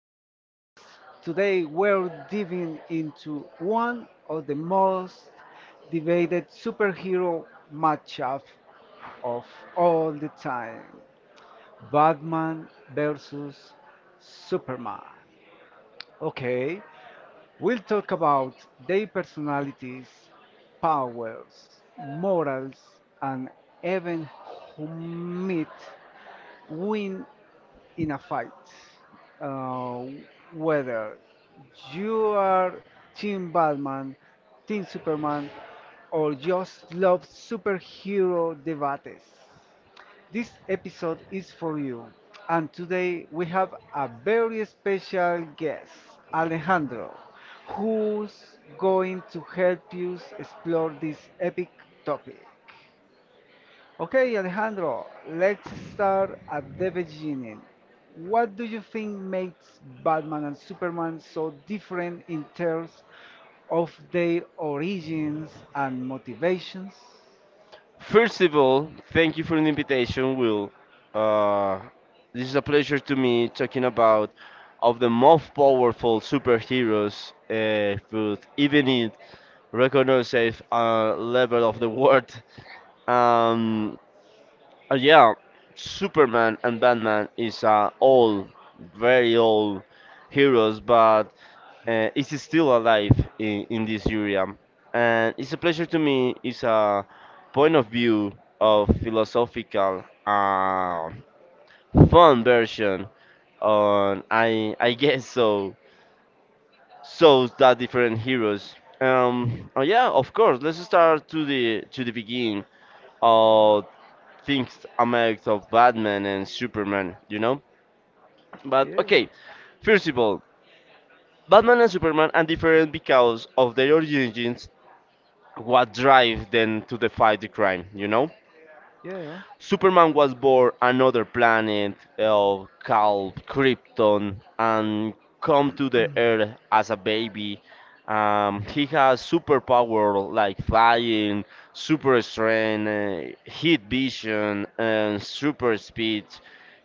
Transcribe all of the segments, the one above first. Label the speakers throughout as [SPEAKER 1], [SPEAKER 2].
[SPEAKER 1] podcast. Today, we're diving into one of the most debated superhero matchup of all the time Batman versus Superman. Okay, we'll talk about their personalities, powers, morals, and even who might win in a fight, uh, whether you are Team Batman, Team Superman, or just love superhero debates. This episode is for you, and today we have a very special guest, Alejandro, who's going to help you explore this epic topic. Okay, Alejandro, let's start at the beginning. What do you think makes Batman and Superman so different in terms of their origins and motivations?
[SPEAKER 2] First of all, thank you for the invitation, Will. Uh, this is a pleasure to me talking about of the most powerful superheroes would even it recognizes a level of the world. Um, yeah, Superman and Batman is all very old heroes, but is still alive in this area. And it's a pleasure to me, it's a point of view of philosophical, fun version on, I guess so, so that different heroes. Oh yeah, of course, let's start to to the beginning of things amount of Batman and Superman, you know? But
[SPEAKER 1] Yeah,
[SPEAKER 2] okay, first of all, Batman and Superman are different because of their origins what drives them to defy the crime, you know?
[SPEAKER 1] yeah.
[SPEAKER 2] Superman was born another planet called Krypton and come to the Earth as a baby. He has superpower like flying, super strength, heat vision, and super speed.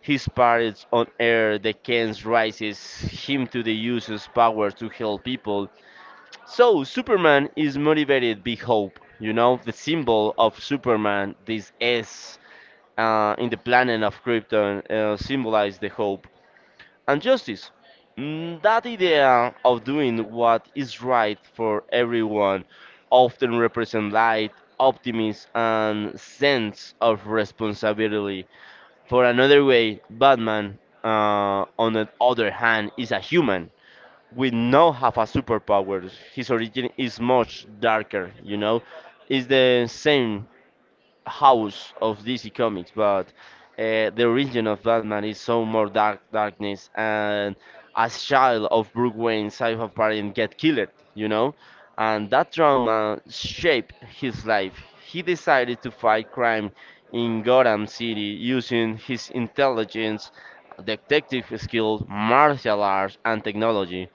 [SPEAKER 2] His parents on Earth, the Kens, raises him to the use his power to help people, so Superman is motivated by hope. You know, the symbol of Superman, this S, in the planet of Krypton, symbolize the hope and justice. That idea of doing what is right for everyone often represents light, optimism, and sense of responsibility. For another way, Batman, on the other hand, is a human we now have a superpower. His origin is much darker, you know. It's the same house of DC Comics, but the origin of Batman is so more darkness. And as child of Bruce Wayne, Cypher parent get killed, you know, and that trauma shaped his life. He decided to fight crime in Gotham City using his intelligence, detective skills, martial arts, and technology.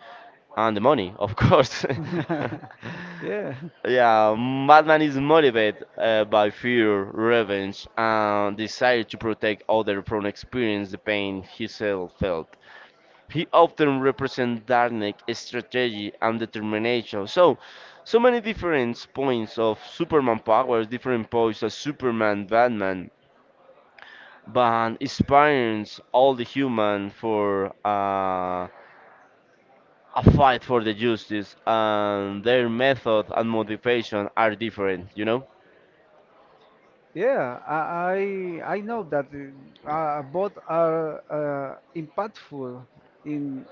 [SPEAKER 2] And the money, of course.
[SPEAKER 1] Yeah,
[SPEAKER 2] Yeah, Batman is motivated by fear, revenge, and desire to protect others from experiencing the pain himself felt. He often represents darkness, strategy, and determination. So, many different points of Superman powers, different points of Superman, Batman, but inspires all the human for. A fight for the justice and their method and motivation are different, you know.
[SPEAKER 1] yeah. I know that both are impactful in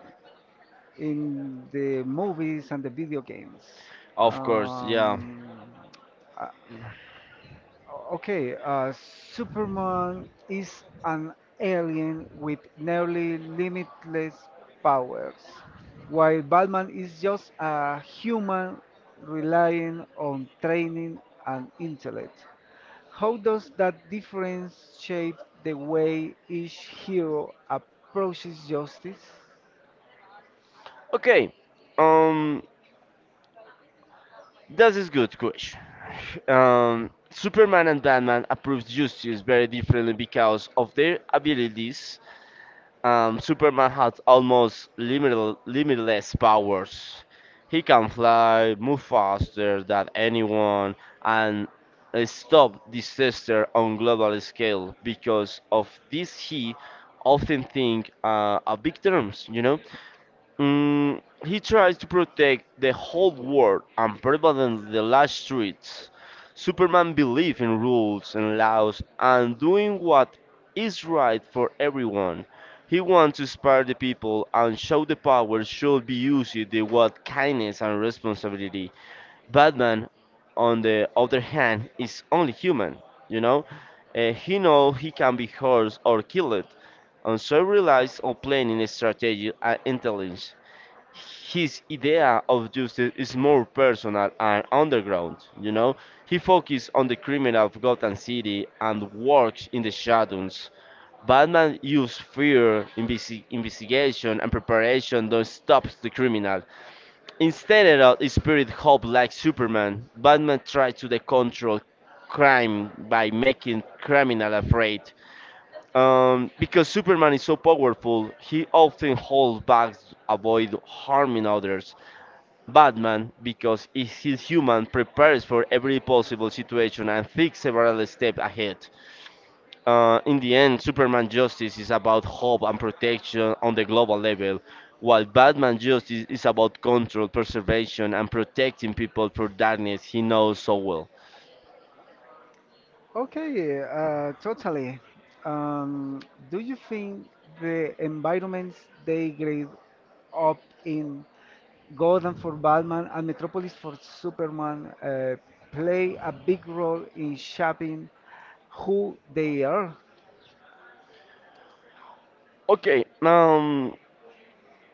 [SPEAKER 1] in the movies and the video games.
[SPEAKER 2] Of course, yeah.
[SPEAKER 1] Um, okay, Superman is an alien with nearly limitless powers, while Batman is just a human relying on training and intellect. How does that difference shape the way each hero approaches justice?
[SPEAKER 2] Okay, um this is good question. Superman and Batman approves justice very differently because of their abilities. Superman has almost limitless powers. He can fly, move faster than anyone, and stop disaster on global scale. Because of this, he often think of big terms, you know. He tries to protect the whole world and pervades the last streets. Superman believes in rules and laws and doing what is right for everyone. He wants to inspire the people and show the power should be used with kindness and responsibility. Batman, on the other hand, is only human, you know? He knows he can be hurt or killed, and so relies on planning, strategy, and intelligence. His idea of justice is more personal and underground, you know? He focuses on the criminal of Gotham City and works in the shadows. Batman uses fear, investigation, and preparation that stops the criminal. Instead of his spirit hope like Superman, Batman tries to control crime by making criminal afraid. Because Superman is so powerful, he often holds back, avoid harming others. Batman, because is his human, prepares for every possible situation and thinks several steps ahead. In the end, Superman justice is about hope and protection on the global level, while Batman justice is about control, preservation, and protecting people from darkness he knows so well.
[SPEAKER 1] Okay, totally. Um, do you think the environments they grade up in Gotham for Batman and Metropolis for Superman play a big role in shaping who they are?
[SPEAKER 2] Okay,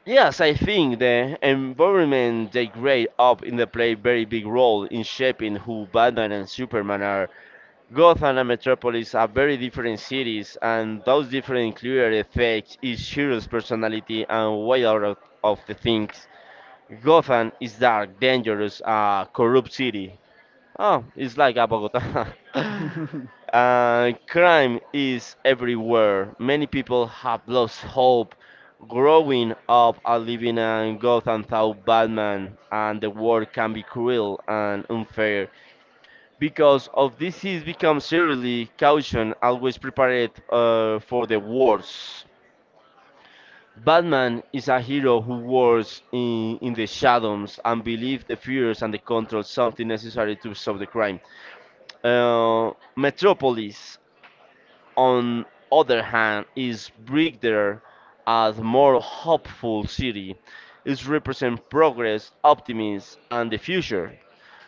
[SPEAKER 2] yes, I think the environment they grade up in the play very big role in shaping who Batman and Superman are. Gotham and Metropolis are very different cities, and those different clear effects is Shiro's personality and way out of the things. Gotham is dark, dangerous, corrupt city. Oh, it's like a Bogota. Crime is everywhere. Many people have lost hope. Growing up and living in Gotham without Batman, and the world can be cruel and unfair, because of this he's become seriously cautious, always prepared for the worst. Batman is a hero who works in the shadows and believes the fears and the control something necessary to solve the crime. Metropolis, on other hand, is bigger as more hopeful city. It represents progress, optimism, and the future.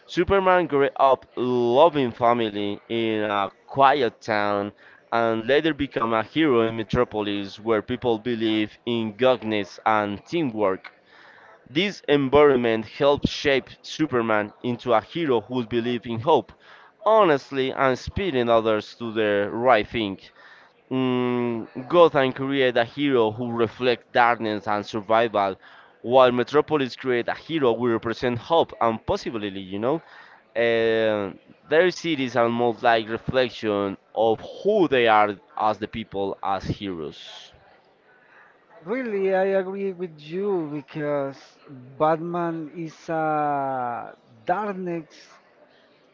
[SPEAKER 2] Superman grew up loving family in a quiet town and later became a hero in Metropolis where people believe in goodness and teamwork. This environment helped shape Superman into a hero who believes in hope, honestly, and inspiring others to the right thing. Gotham created a hero who reflects darkness and survival, while Metropolis created a hero who represents hope and possibility, you know? Uh, their cities are more like reflection of who they are as the people, as heroes.
[SPEAKER 1] Really, I agree with you because Batman is a darkness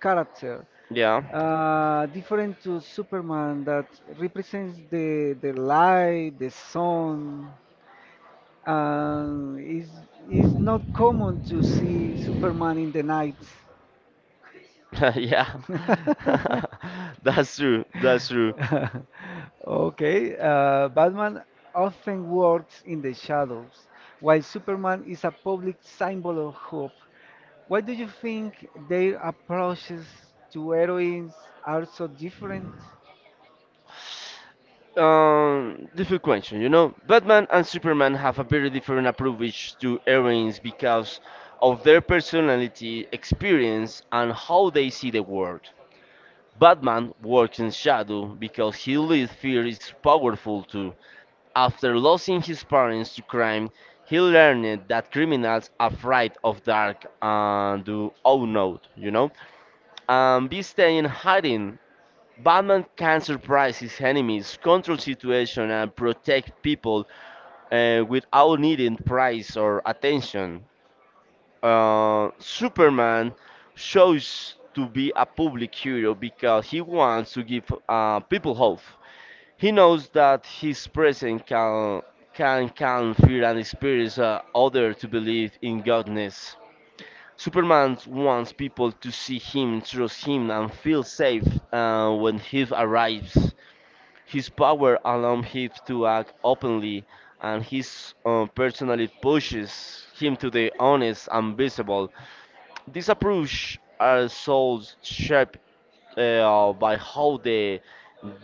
[SPEAKER 1] character
[SPEAKER 2] Yeah.
[SPEAKER 1] different to Superman that represents the light, the sun, and is not common to see Superman in the night.
[SPEAKER 2] Yeah. That's true, that's true.
[SPEAKER 1] Okay, Batman often works in the shadows, while Superman is a public symbol of hope. Why do you think their approaches to heroines are so different?
[SPEAKER 2] Difficult question, you know. Batman and Superman have a very different approach to heroines because of their personality, experience, and how they see the world. Batman works in shadow because he leads fear is powerful too. After losing his parents to crime, he learned that criminals are afraid of dark and do unknown, you know. And be staying hiding, Batman can surprise his enemies, control situation, and protect people without needing praise or attention. Superman shows to be a public hero because he wants to give people hope. He knows that his presence can calm fear and inspires others to believe in goodness. Superman wants people to see him, trust him, and feel safe when he arrives. His power allowed him to act openly, and his personality pushes him to the honest and visible. This approach are so shaped by how they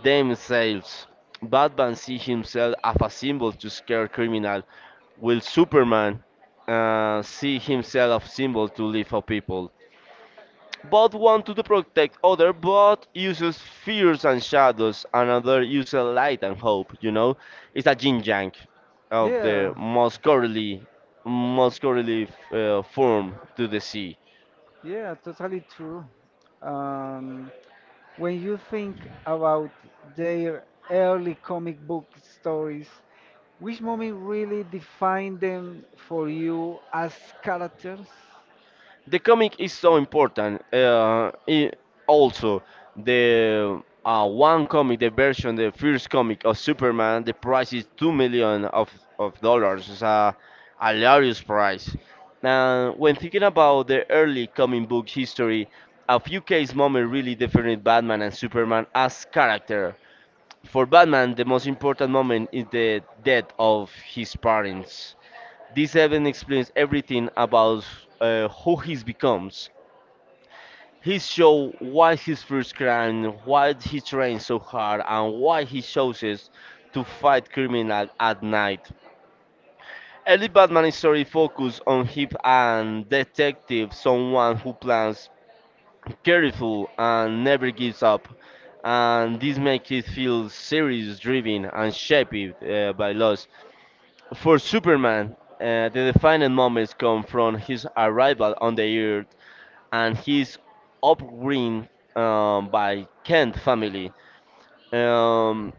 [SPEAKER 2] themselves. Batman sees himself as a symbol to scare criminal, while Superman sees himself as a symbol to live for people. Both want to protect other, but uses fears and shadows, another uses light and hope, you know? It's a yin yang of
[SPEAKER 1] Yeah.
[SPEAKER 2] the most curly form to the sea.
[SPEAKER 1] Yeah, totally true. Um, when you think about their early comic book stories, which moment really defined them for you as characters?
[SPEAKER 2] The comic is so important. Also, the one comic, the version, the first comic of Superman, the price is 2 million of dollars. It's a hilarious price. Now, when thinking about the early comic book history, a few case moments really defined Batman and Superman as character. For Batman, the most important moment is the death of his parents. This event explains everything about who he becomes. He show why his first crime, why he trains so hard, and why he chooses to fight criminal at night. Early Batman story focuses on him and detective, someone who plans careful and never gives up, and this makes it feel serious, driven, and shaped by loss. For Superman, the defining moments come from his arrival on the Earth and his upbringing by Kent family. Um,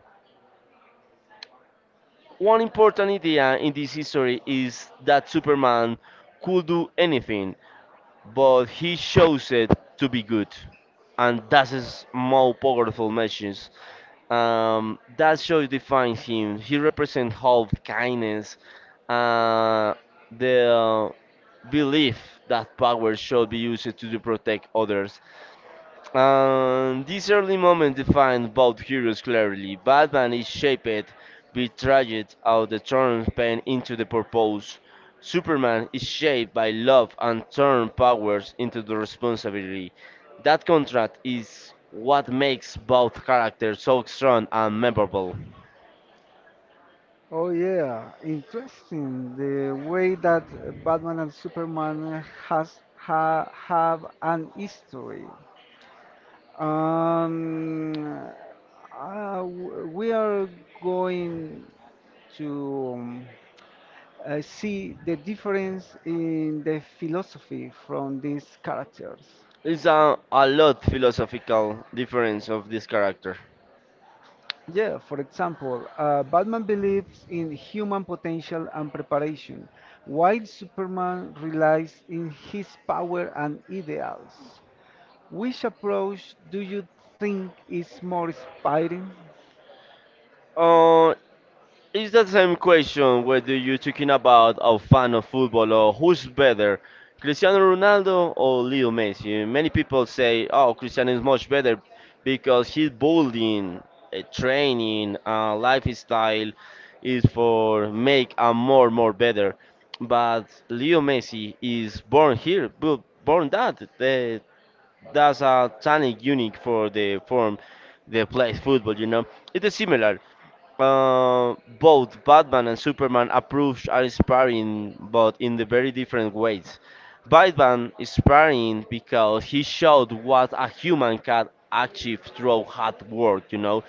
[SPEAKER 2] one important idea in this history is that Superman could do anything, but he chose it to be good, and that is more powerful message. That show defines him. He represents hope, kindness, uh, the belief that power should be used to protect others. This early moment defined both heroes clearly. Batman is shaped, betrayed out the turned pain into the purpose. Superman is shaped by love and turned powers into the responsibility. That contrast is what makes both characters so strong and memorable.
[SPEAKER 1] Oh yeah, interesting. The way that Batman and Superman have an history. Um, we are going. To see the difference in the philosophy from these characters.
[SPEAKER 2] It's a lot philosophical difference of this character.
[SPEAKER 1] Yeah, for example, Batman believes in human potential and preparation, while Superman relies in his power and ideals. Which approach do you think is more inspiring?
[SPEAKER 2] Uh, It's the same question whether you're talking about a fan of football or who's better, Cristiano Ronaldo or Leo Messi. Many people say, "Oh, Cristiano is much better because his bowling, training, lifestyle is for make a more better." But Leo Messi is born here, born that. The That's a talent unique for the form that plays football, you know. It is similar. Both Batman and Superman approach are inspiring, but in the very different ways. Batman is inspiring because he showed what a human can achieve through hard work, you know,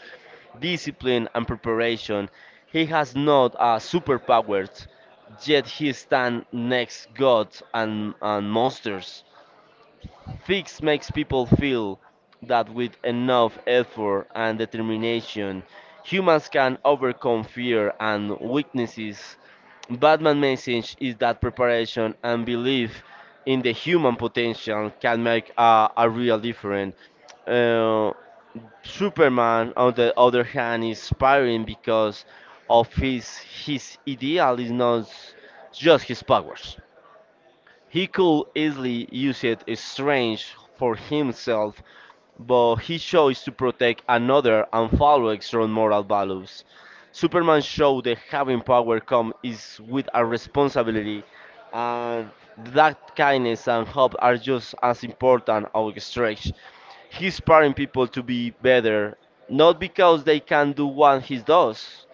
[SPEAKER 2] discipline and preparation. He has not a superpowers, yet he stands next gods and monsters. Fix makes people feel that with enough effort and determination, humans can overcome fear and weaknesses. Batman's message is that preparation and belief in the human potential can make a real difference. Uh, Superman, on the other hand, is inspiring because of his ideal is not just his powers. He could easily use it strange for himself, but he chose to protect another and follow extreme moral values. Superman showed that having power comes is with a responsibility, and that kindness and hope are just as important or stretch. He's inspiring people to be better, not because they can do what he does,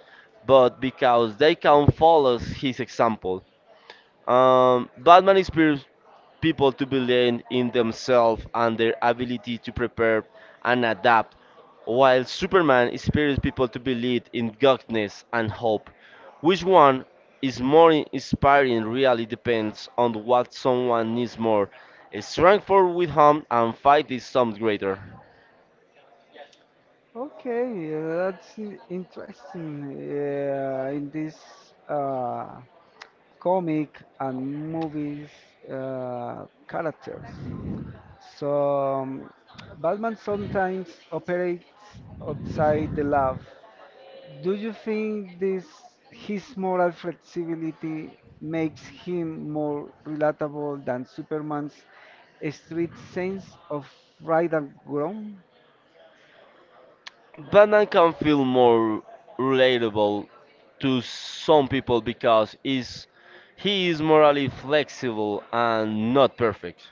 [SPEAKER 2] but because they can follow his example. Batman inspires people to believe in themselves and their ability to prepare and adapt, while Superman inspires people to believe in goodness and hope. Which one is more inspiring really depends on what someone needs more. A strength for with home and fight is some greater.
[SPEAKER 1] Okay, that's interesting. Yeah, in this uh, comic and movies characters. So Batman sometimes operates outside the lab. Do you think this his moral flexibility makes him more relatable than Superman's strict sense of right and wrong?
[SPEAKER 2] Batman can feel more relatable to some people because is he is morally flexible and not perfect.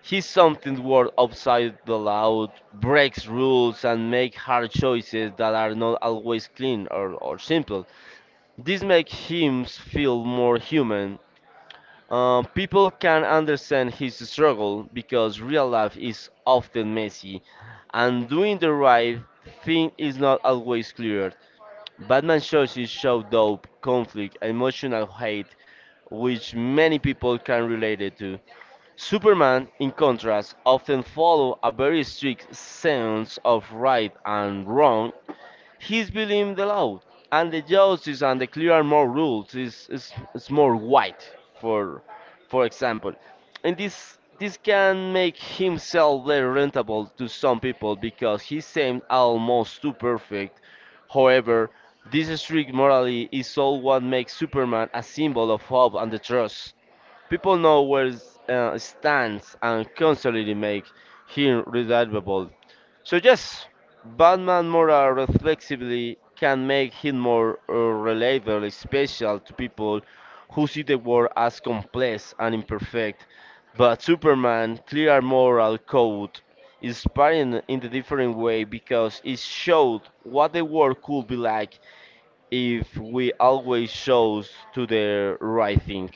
[SPEAKER 2] He's something worth outside the loud, breaks rules and makes hard choices that are not always clean or simple. This makes him feel more human. People can understand his struggle because real life is often messy, and doing the right thing is not always clear. Batman shows his show dope, conflict, emotional hate, which many people can relate it to. Superman, in contrast, often follow a very strict sense of right and wrong. He's believing the law and the justice and the clear and more rules is more white for for example, and this can make himself very rentable to some people because he seemed almost too perfect. However, this strict morality is all what makes Superman a symbol of hope and the trust. People know where stands and constantly make him reliable. So yes, Batman more reflexively can make him more relatable, special to people who see the world as complex and imperfect. But Superman clear moral code, inspiring in the different way because it showed what the world could be like if we always chose to the right thing.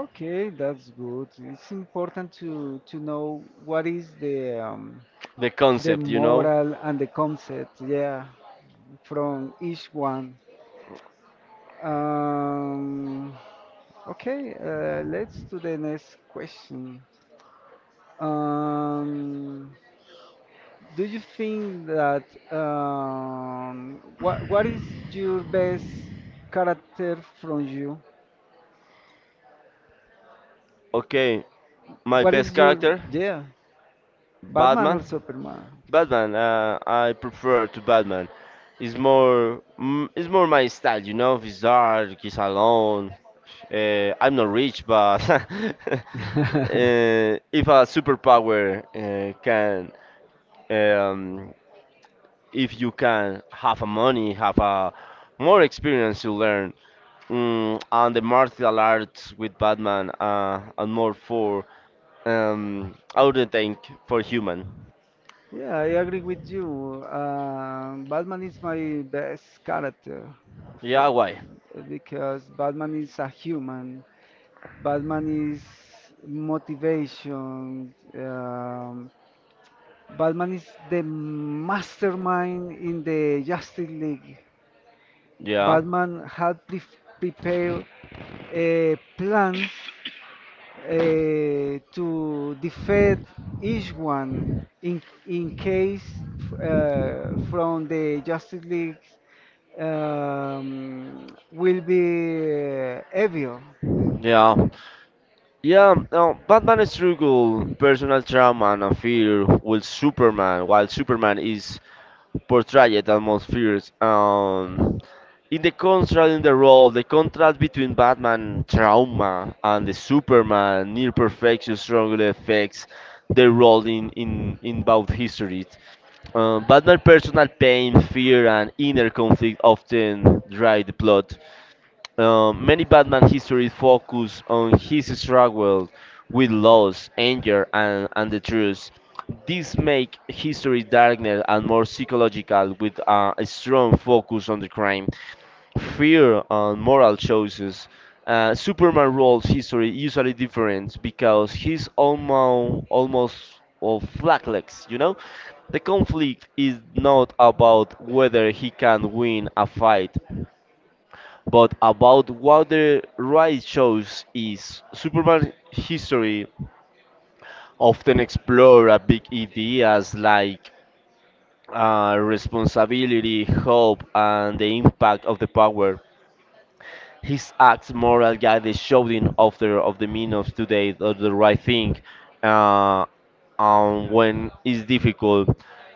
[SPEAKER 1] Okay, that's good. It's important to know what is the
[SPEAKER 2] The concept, you know?
[SPEAKER 1] moral and the concept, yeah, from each one. Um, okay, let's do the next question. Um, do you think that what is your best character from you?
[SPEAKER 2] Okay, my
[SPEAKER 1] What
[SPEAKER 2] best
[SPEAKER 1] is your
[SPEAKER 2] character,
[SPEAKER 1] yeah, or
[SPEAKER 2] Batman.
[SPEAKER 1] Superman?
[SPEAKER 2] Batman. I prefer to Batman. It's more, mm, it's more my style, you know. He's dark, he's alone. I'm not rich, but if a superpower can, um, if you can have a money, have a more experience, you learn mm, on the martial arts with Batman and more for I wouldn't think for human.
[SPEAKER 1] Yeah, I agree with you. Batman is my best character for,
[SPEAKER 2] Yeah, why?
[SPEAKER 1] because Batman is a human. Batman is motivation. Batman is the mastermind in the Justice League. Yeah.
[SPEAKER 2] Yeah,
[SPEAKER 1] Batman had prepared plans to defend each one in case from the Justice League um, will be evil.
[SPEAKER 2] yeah, yeah. No, Batman struggle personal trauma and a fear with Superman, while Superman is portrayed atmospheres. In the contrast in the role, the contrast between Batman trauma and the Superman near perfection strongly affects their role in both histories. Batman's personal pain, fear, and inner conflict often drive the plot. Many Batman histories focus on his struggle with loss, anger, and the truth. This makes history darker and more psychological, with a strong focus on the crime, fear, and moral choices. Superman roles history usually different because he's almost or flakless, you know? The conflict is not about whether he can win a fight, but about what the ride shows is Superman history often explore a big ideas like responsibility, hope, and the impact of the power his acts, moral guidance, showing of the meaning of today, of the right thing, uh, when it's difficult.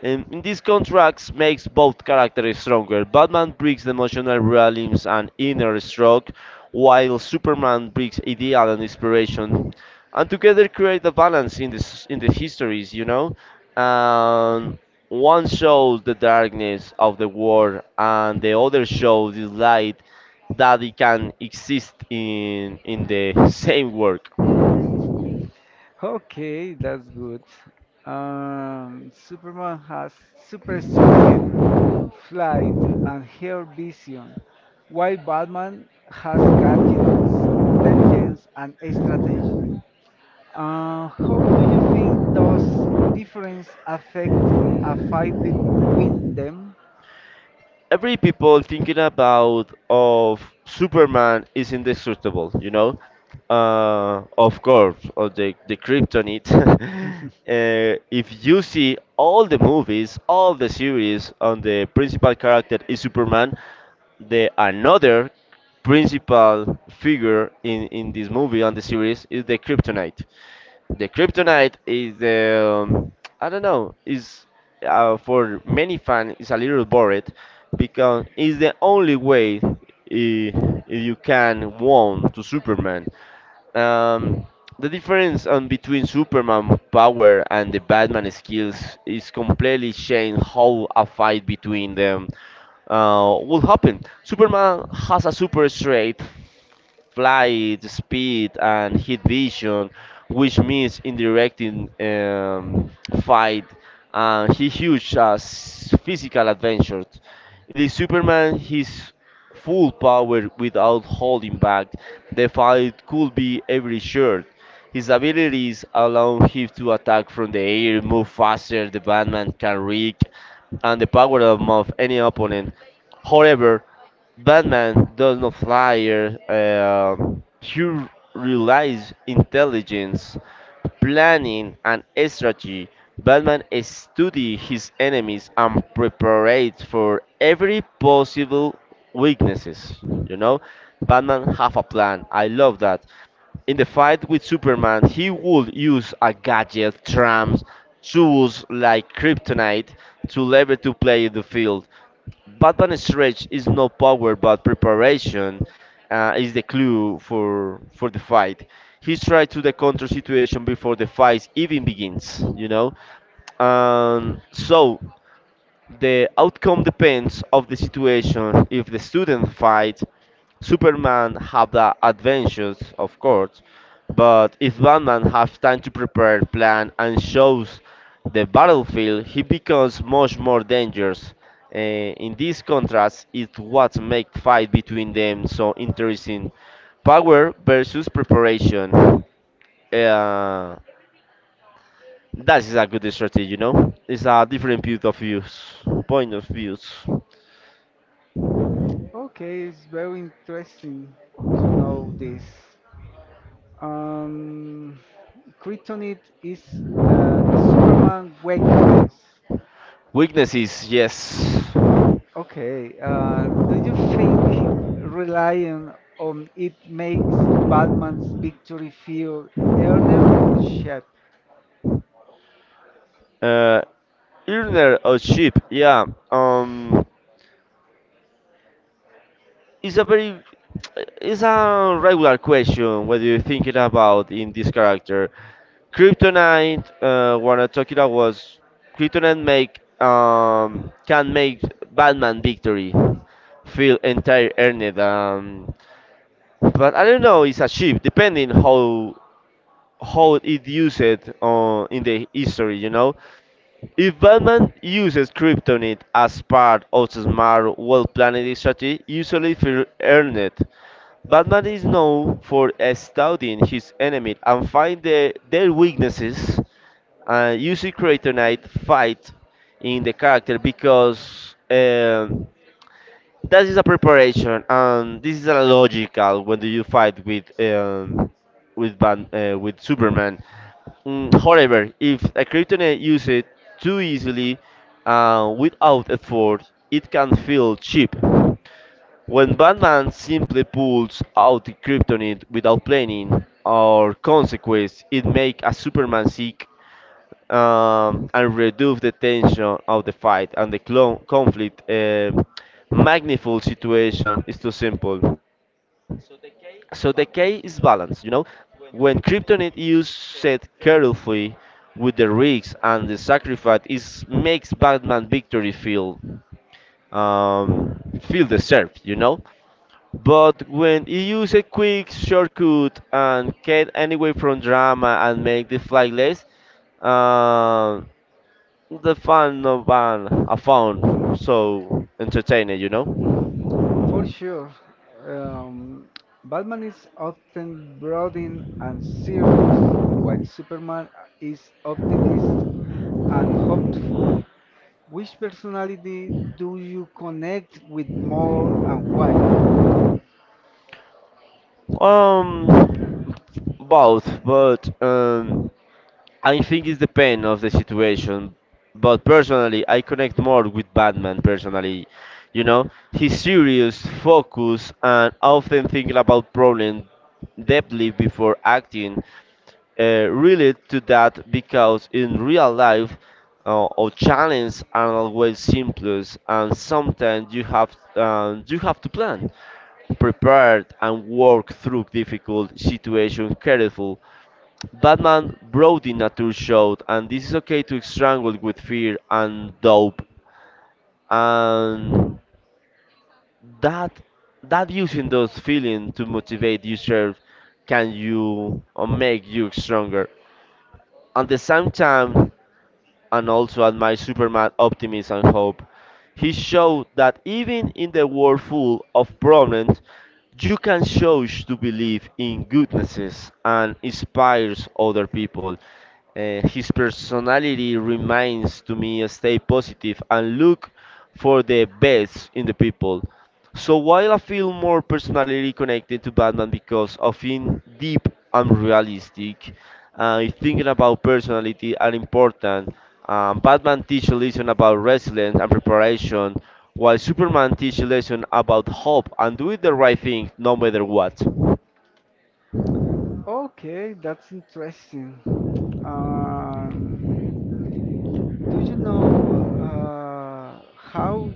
[SPEAKER 2] And in these contracts makes both characters stronger. Batman brings the emotional realism and inner stroke, while Superman brings ideal and inspiration, and together create a balance in this in the histories, you know. And one shows the darkness of the world, and the other shows the light that it can exist in the same work.
[SPEAKER 1] Okay, that's good. Superman has super strength, flight, and hair vision, while Batman has gadget, intelligence, and strategy. How do you think those difference affect a fight between them?
[SPEAKER 2] Every people thinking about of Superman is indestructible, you know. Of course, or the kryptonite. If you see all the movies, all the series on the principal character is Superman, the another principal figure in this movie on the series is the kryptonite. The kryptonite is. I don't know is for many fans is a little boring because it's the only way you can won to Superman. Um, the difference on between Superman power and the Batman skills is completely changed how a fight between them will happen. Superman has a super strength flight speed and heat vision, which means indirecting fight and he huge physical adventures. It is Superman his full power without holding back. The fight could be every shirt. His abilities allow him to attack from the air, move faster, the Batman can reek, and the power of move any opponent. However, Batman does not fly. Uh, he relies intelligence, planning, and strategy. Batman studies his enemies and prepares for every possible weaknesses. You know, Batman have a plan. I love that. In the fight with Superman, he would use a gadget, trams, tools like kryptonite to lever to play the field. But Batman stretch is no power, but preparation is the clue for the fight. He's tried to the counter situation before the fight even begins. You know, so the outcome depends of the situation. If the student fight, Superman have the adventures, of course, but if Batman has time to prepare, plan, and shows the battlefield, he becomes much more dangerous. In this contrast, is what make fight between them so interesting: power versus preparation. Uh, that is a good strategy, you know. It's a different point of views, point of views.
[SPEAKER 1] Okay, it's very interesting to know this. Um, Kryptonite is the Superman weakness.
[SPEAKER 2] Weaknesses, yes.
[SPEAKER 1] Okay, do you think relying on it makes Batman's victory feel earned or shallow?
[SPEAKER 2] Uh, earner or cheap? Yeah. Um, it's a it's a regular question. Whether you are thinking about in this character? Kryptonite. What I talking about was kryptonite make can make Batman victory feel entire earned. But I don't know. It's a cheap depending how it used in the history. You know, if Batman uses kryptonite as part of a smart, well-planned strategy, usually feel earned, Batman is known for studying his enemy and find their weaknesses. Using kryptonite fight in the character because that is a preparation, and this is a logical when you fight with Ban with Superman. Mm, however, if a kryptonite use it too easily without effort, it can feel cheap. When Batman simply pulls out the kryptonite without planning or consequence, it makes a Superman sick and reduce the tension of the fight and the clon conflict. Magnified situation is too simple. So the key is balance. You know, when kryptonite used set carefully with the risks and the sacrifice, is makes Batman victory feel um, feel deserved. You know. But when he use a quick shortcut and get anyway from drama and make the flight less, uh, the fan of an a phone so entertaining, you know?
[SPEAKER 1] For sure, um, Batman is often brooding and serious, while Superman is optimist and hopeful. Which personality do you connect with more and why?
[SPEAKER 2] Um, Both, but I think it's the pain of the situation. But personally, I connect more with Batman. Personally, you know, he's serious, focused, and often thinking about problems deeply before acting. Relate to that because in real life, our challenges are always simplest, and sometimes you have to plan, prepare, and work through difficult situation careful. Batman brought in a true and this is okay to strangle with fear and dope, and that that using those feelings to motivate yourself can you or make you stronger. At the same time, and also admire Superman's optimism and hope. He showed that even in the world full of problems, you can choose to believe in goodnesses and inspires other people. His personality reminds to me stay positive and look for the best in the people. So while I feel more personally connected to Batman because of in deep and realistic, thinking about personality are important. Batman teaches lesson about resilience and preparation, while Superman teaches lesson about hope and doing the right thing no matter what.
[SPEAKER 1] Okay, that's interesting. Um, do you know how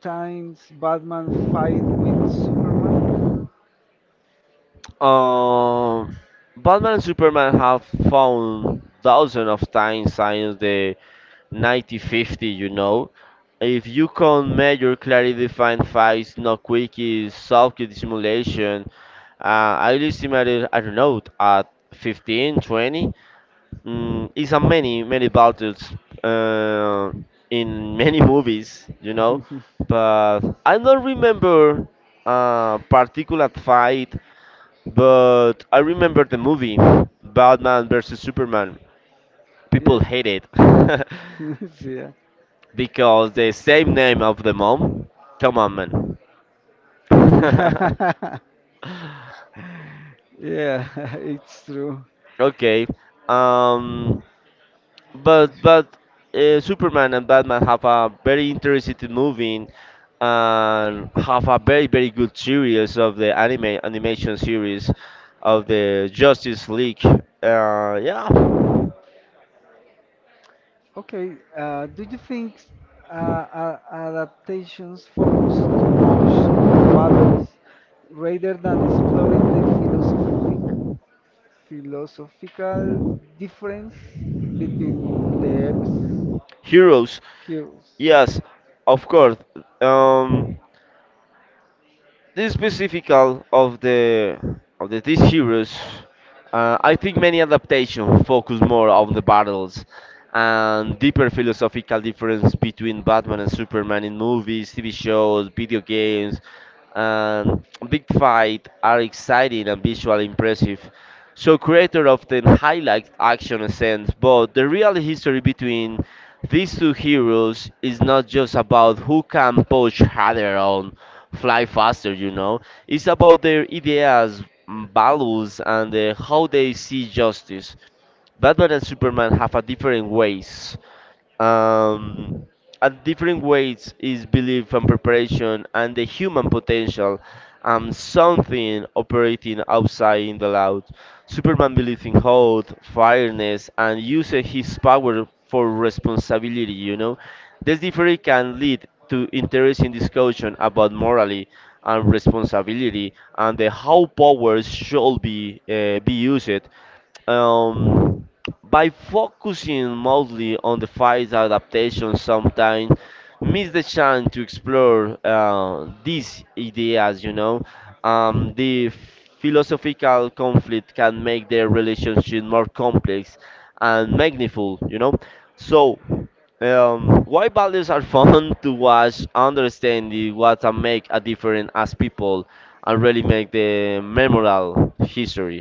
[SPEAKER 1] times Batman fight with Superman?
[SPEAKER 2] Um, Batman and Superman have found thousands of times since the 1950, you know. If you can measure clearly defined fights, no quickies, soft simulation, I estimated, I don't know, at 15, 20. Mm, it's a many, many battles uh, in many movies, you know. But I don't remember a particular fight but I remember the movie Batman versus Superman. People
[SPEAKER 1] Yeah,
[SPEAKER 2] hate it
[SPEAKER 1] yeah.
[SPEAKER 2] because the same name of the mom. Come on, man.
[SPEAKER 1] Yeah, it's true.
[SPEAKER 2] okay. Um. But Superman and Batman have a very interesting movie and have a very very good series of the anime animation series of the Justice League. Yeah.
[SPEAKER 1] Okay, do you think adaptations focus too much on battles rather than exploring the philosophical difference between the heroes?
[SPEAKER 2] Heroes.
[SPEAKER 1] Heroes.
[SPEAKER 2] Yes, of course. Um, this specifical of the this series, I think many adaptations focus more on the battles and deeper philosophical difference between Batman and Superman in movies, TV shows, video games, and big fight are exciting and visually impressive. So creators often highlight action scenes, but the real history between these two heroes is not just about who can punch harder on fly faster, you know. It's about their ideas, mm, values, and how they see justice. Batman and Superman have a different ways um, at different ways is belief and preparation and the human potential and something operating outside in the loud. Superman believes in hope, fairness, and uses his power for responsibility, you know. This difference can lead to interesting discussion about morality and responsibility and the how powers should be used um, by focusing mostly on the fights adaptation, sometimes miss the chance to explore these ideas. You know, the philosophical conflict can make their relationship more complex and meaningful. You know, so why ballads are fun to watch, understanding what and make a difference as people, and really make the memorable history.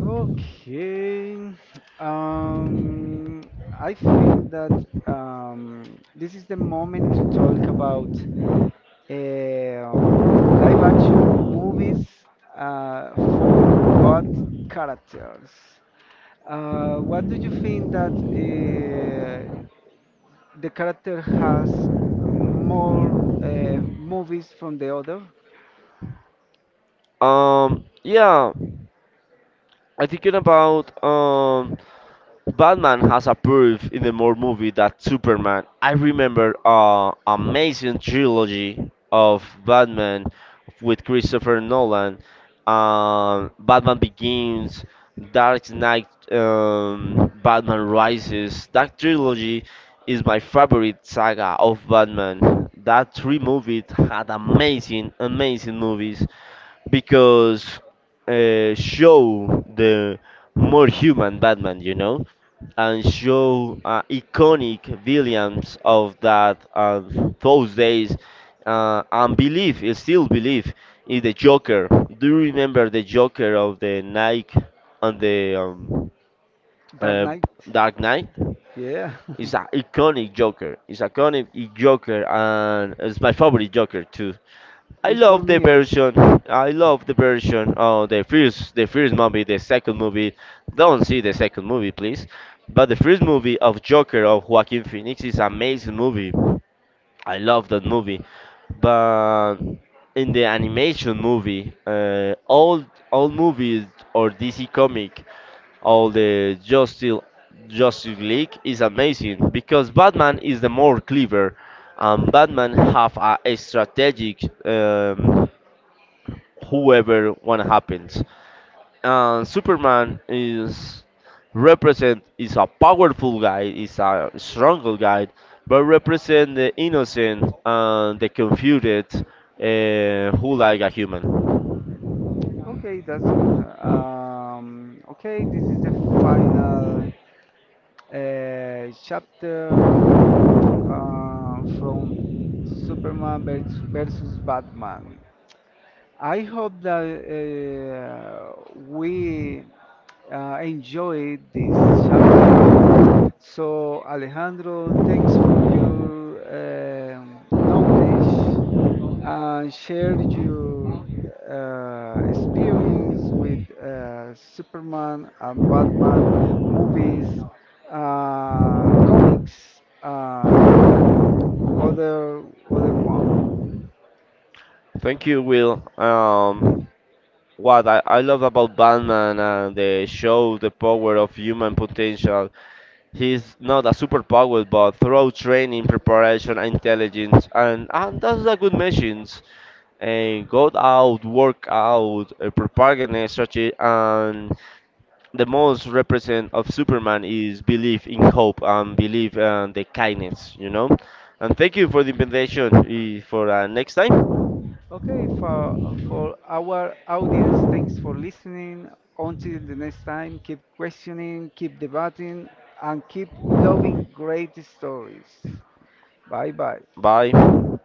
[SPEAKER 1] Okay. Um, I think that um, this is the moment to talk about. um, Live action movies for both characters. What do you think that the character has more movies from the other?
[SPEAKER 2] Yeah, I thinking about Batman has approved in the more movie that Superman. I remember amazing trilogy of Batman with Christopher Nolan. Batman Begins, Dark Knight, Batman Rises. That trilogy is my favorite saga of Batman. That three movies had amazing, amazing movies because show the more human Batman, you know, and show iconic villains of that, those days, and believe, I still believe in the Joker. Do you remember the Joker of the Nike and the
[SPEAKER 1] Dark
[SPEAKER 2] uh,
[SPEAKER 1] Knight?
[SPEAKER 2] Dark Knight?
[SPEAKER 1] Yeah.
[SPEAKER 2] It's an iconic Joker. It's iconic Joker, and it's my favorite Joker too. I
[SPEAKER 1] It's for
[SPEAKER 2] love the
[SPEAKER 1] me also.
[SPEAKER 2] version. I love the version. Oh, the first movie, the second movie. Don't see the second movie, please. But the first movie of Joker of Joaquin Phoenix is amazing movie. I love that movie. But in the animation movie, all movies or DC comic, all the Justice League is amazing because Batman is the more clever, and Batman have a strategic. Whoever one happens. And Superman is represent is a powerful guy, is a strong guy, but represent the innocent and the confused who like a human.
[SPEAKER 1] Okay, that's good. Okay, This is the final chapter from Superman versus Batman. I hope that we enjoyed this chapter. So, Alejandro, thanks for your knowledge and share your experience with Superman and Batman movies, comics, and other other one.
[SPEAKER 2] Thank you, Will. What I love about Batman and the show, the power of human potential. He's not a superpower, but through training, preparation, and intelligence, and that's a good machine. And go out, work out, propaganda strategy, and the most represent of Superman is belief in hope and belief and the kindness, you know. And thank you for the invitation. For next time,
[SPEAKER 1] Okay, for our audience, thanks for listening. Until the next time, keep questioning, keep debating, and keep loving great stories. Bye bye.
[SPEAKER 2] bye.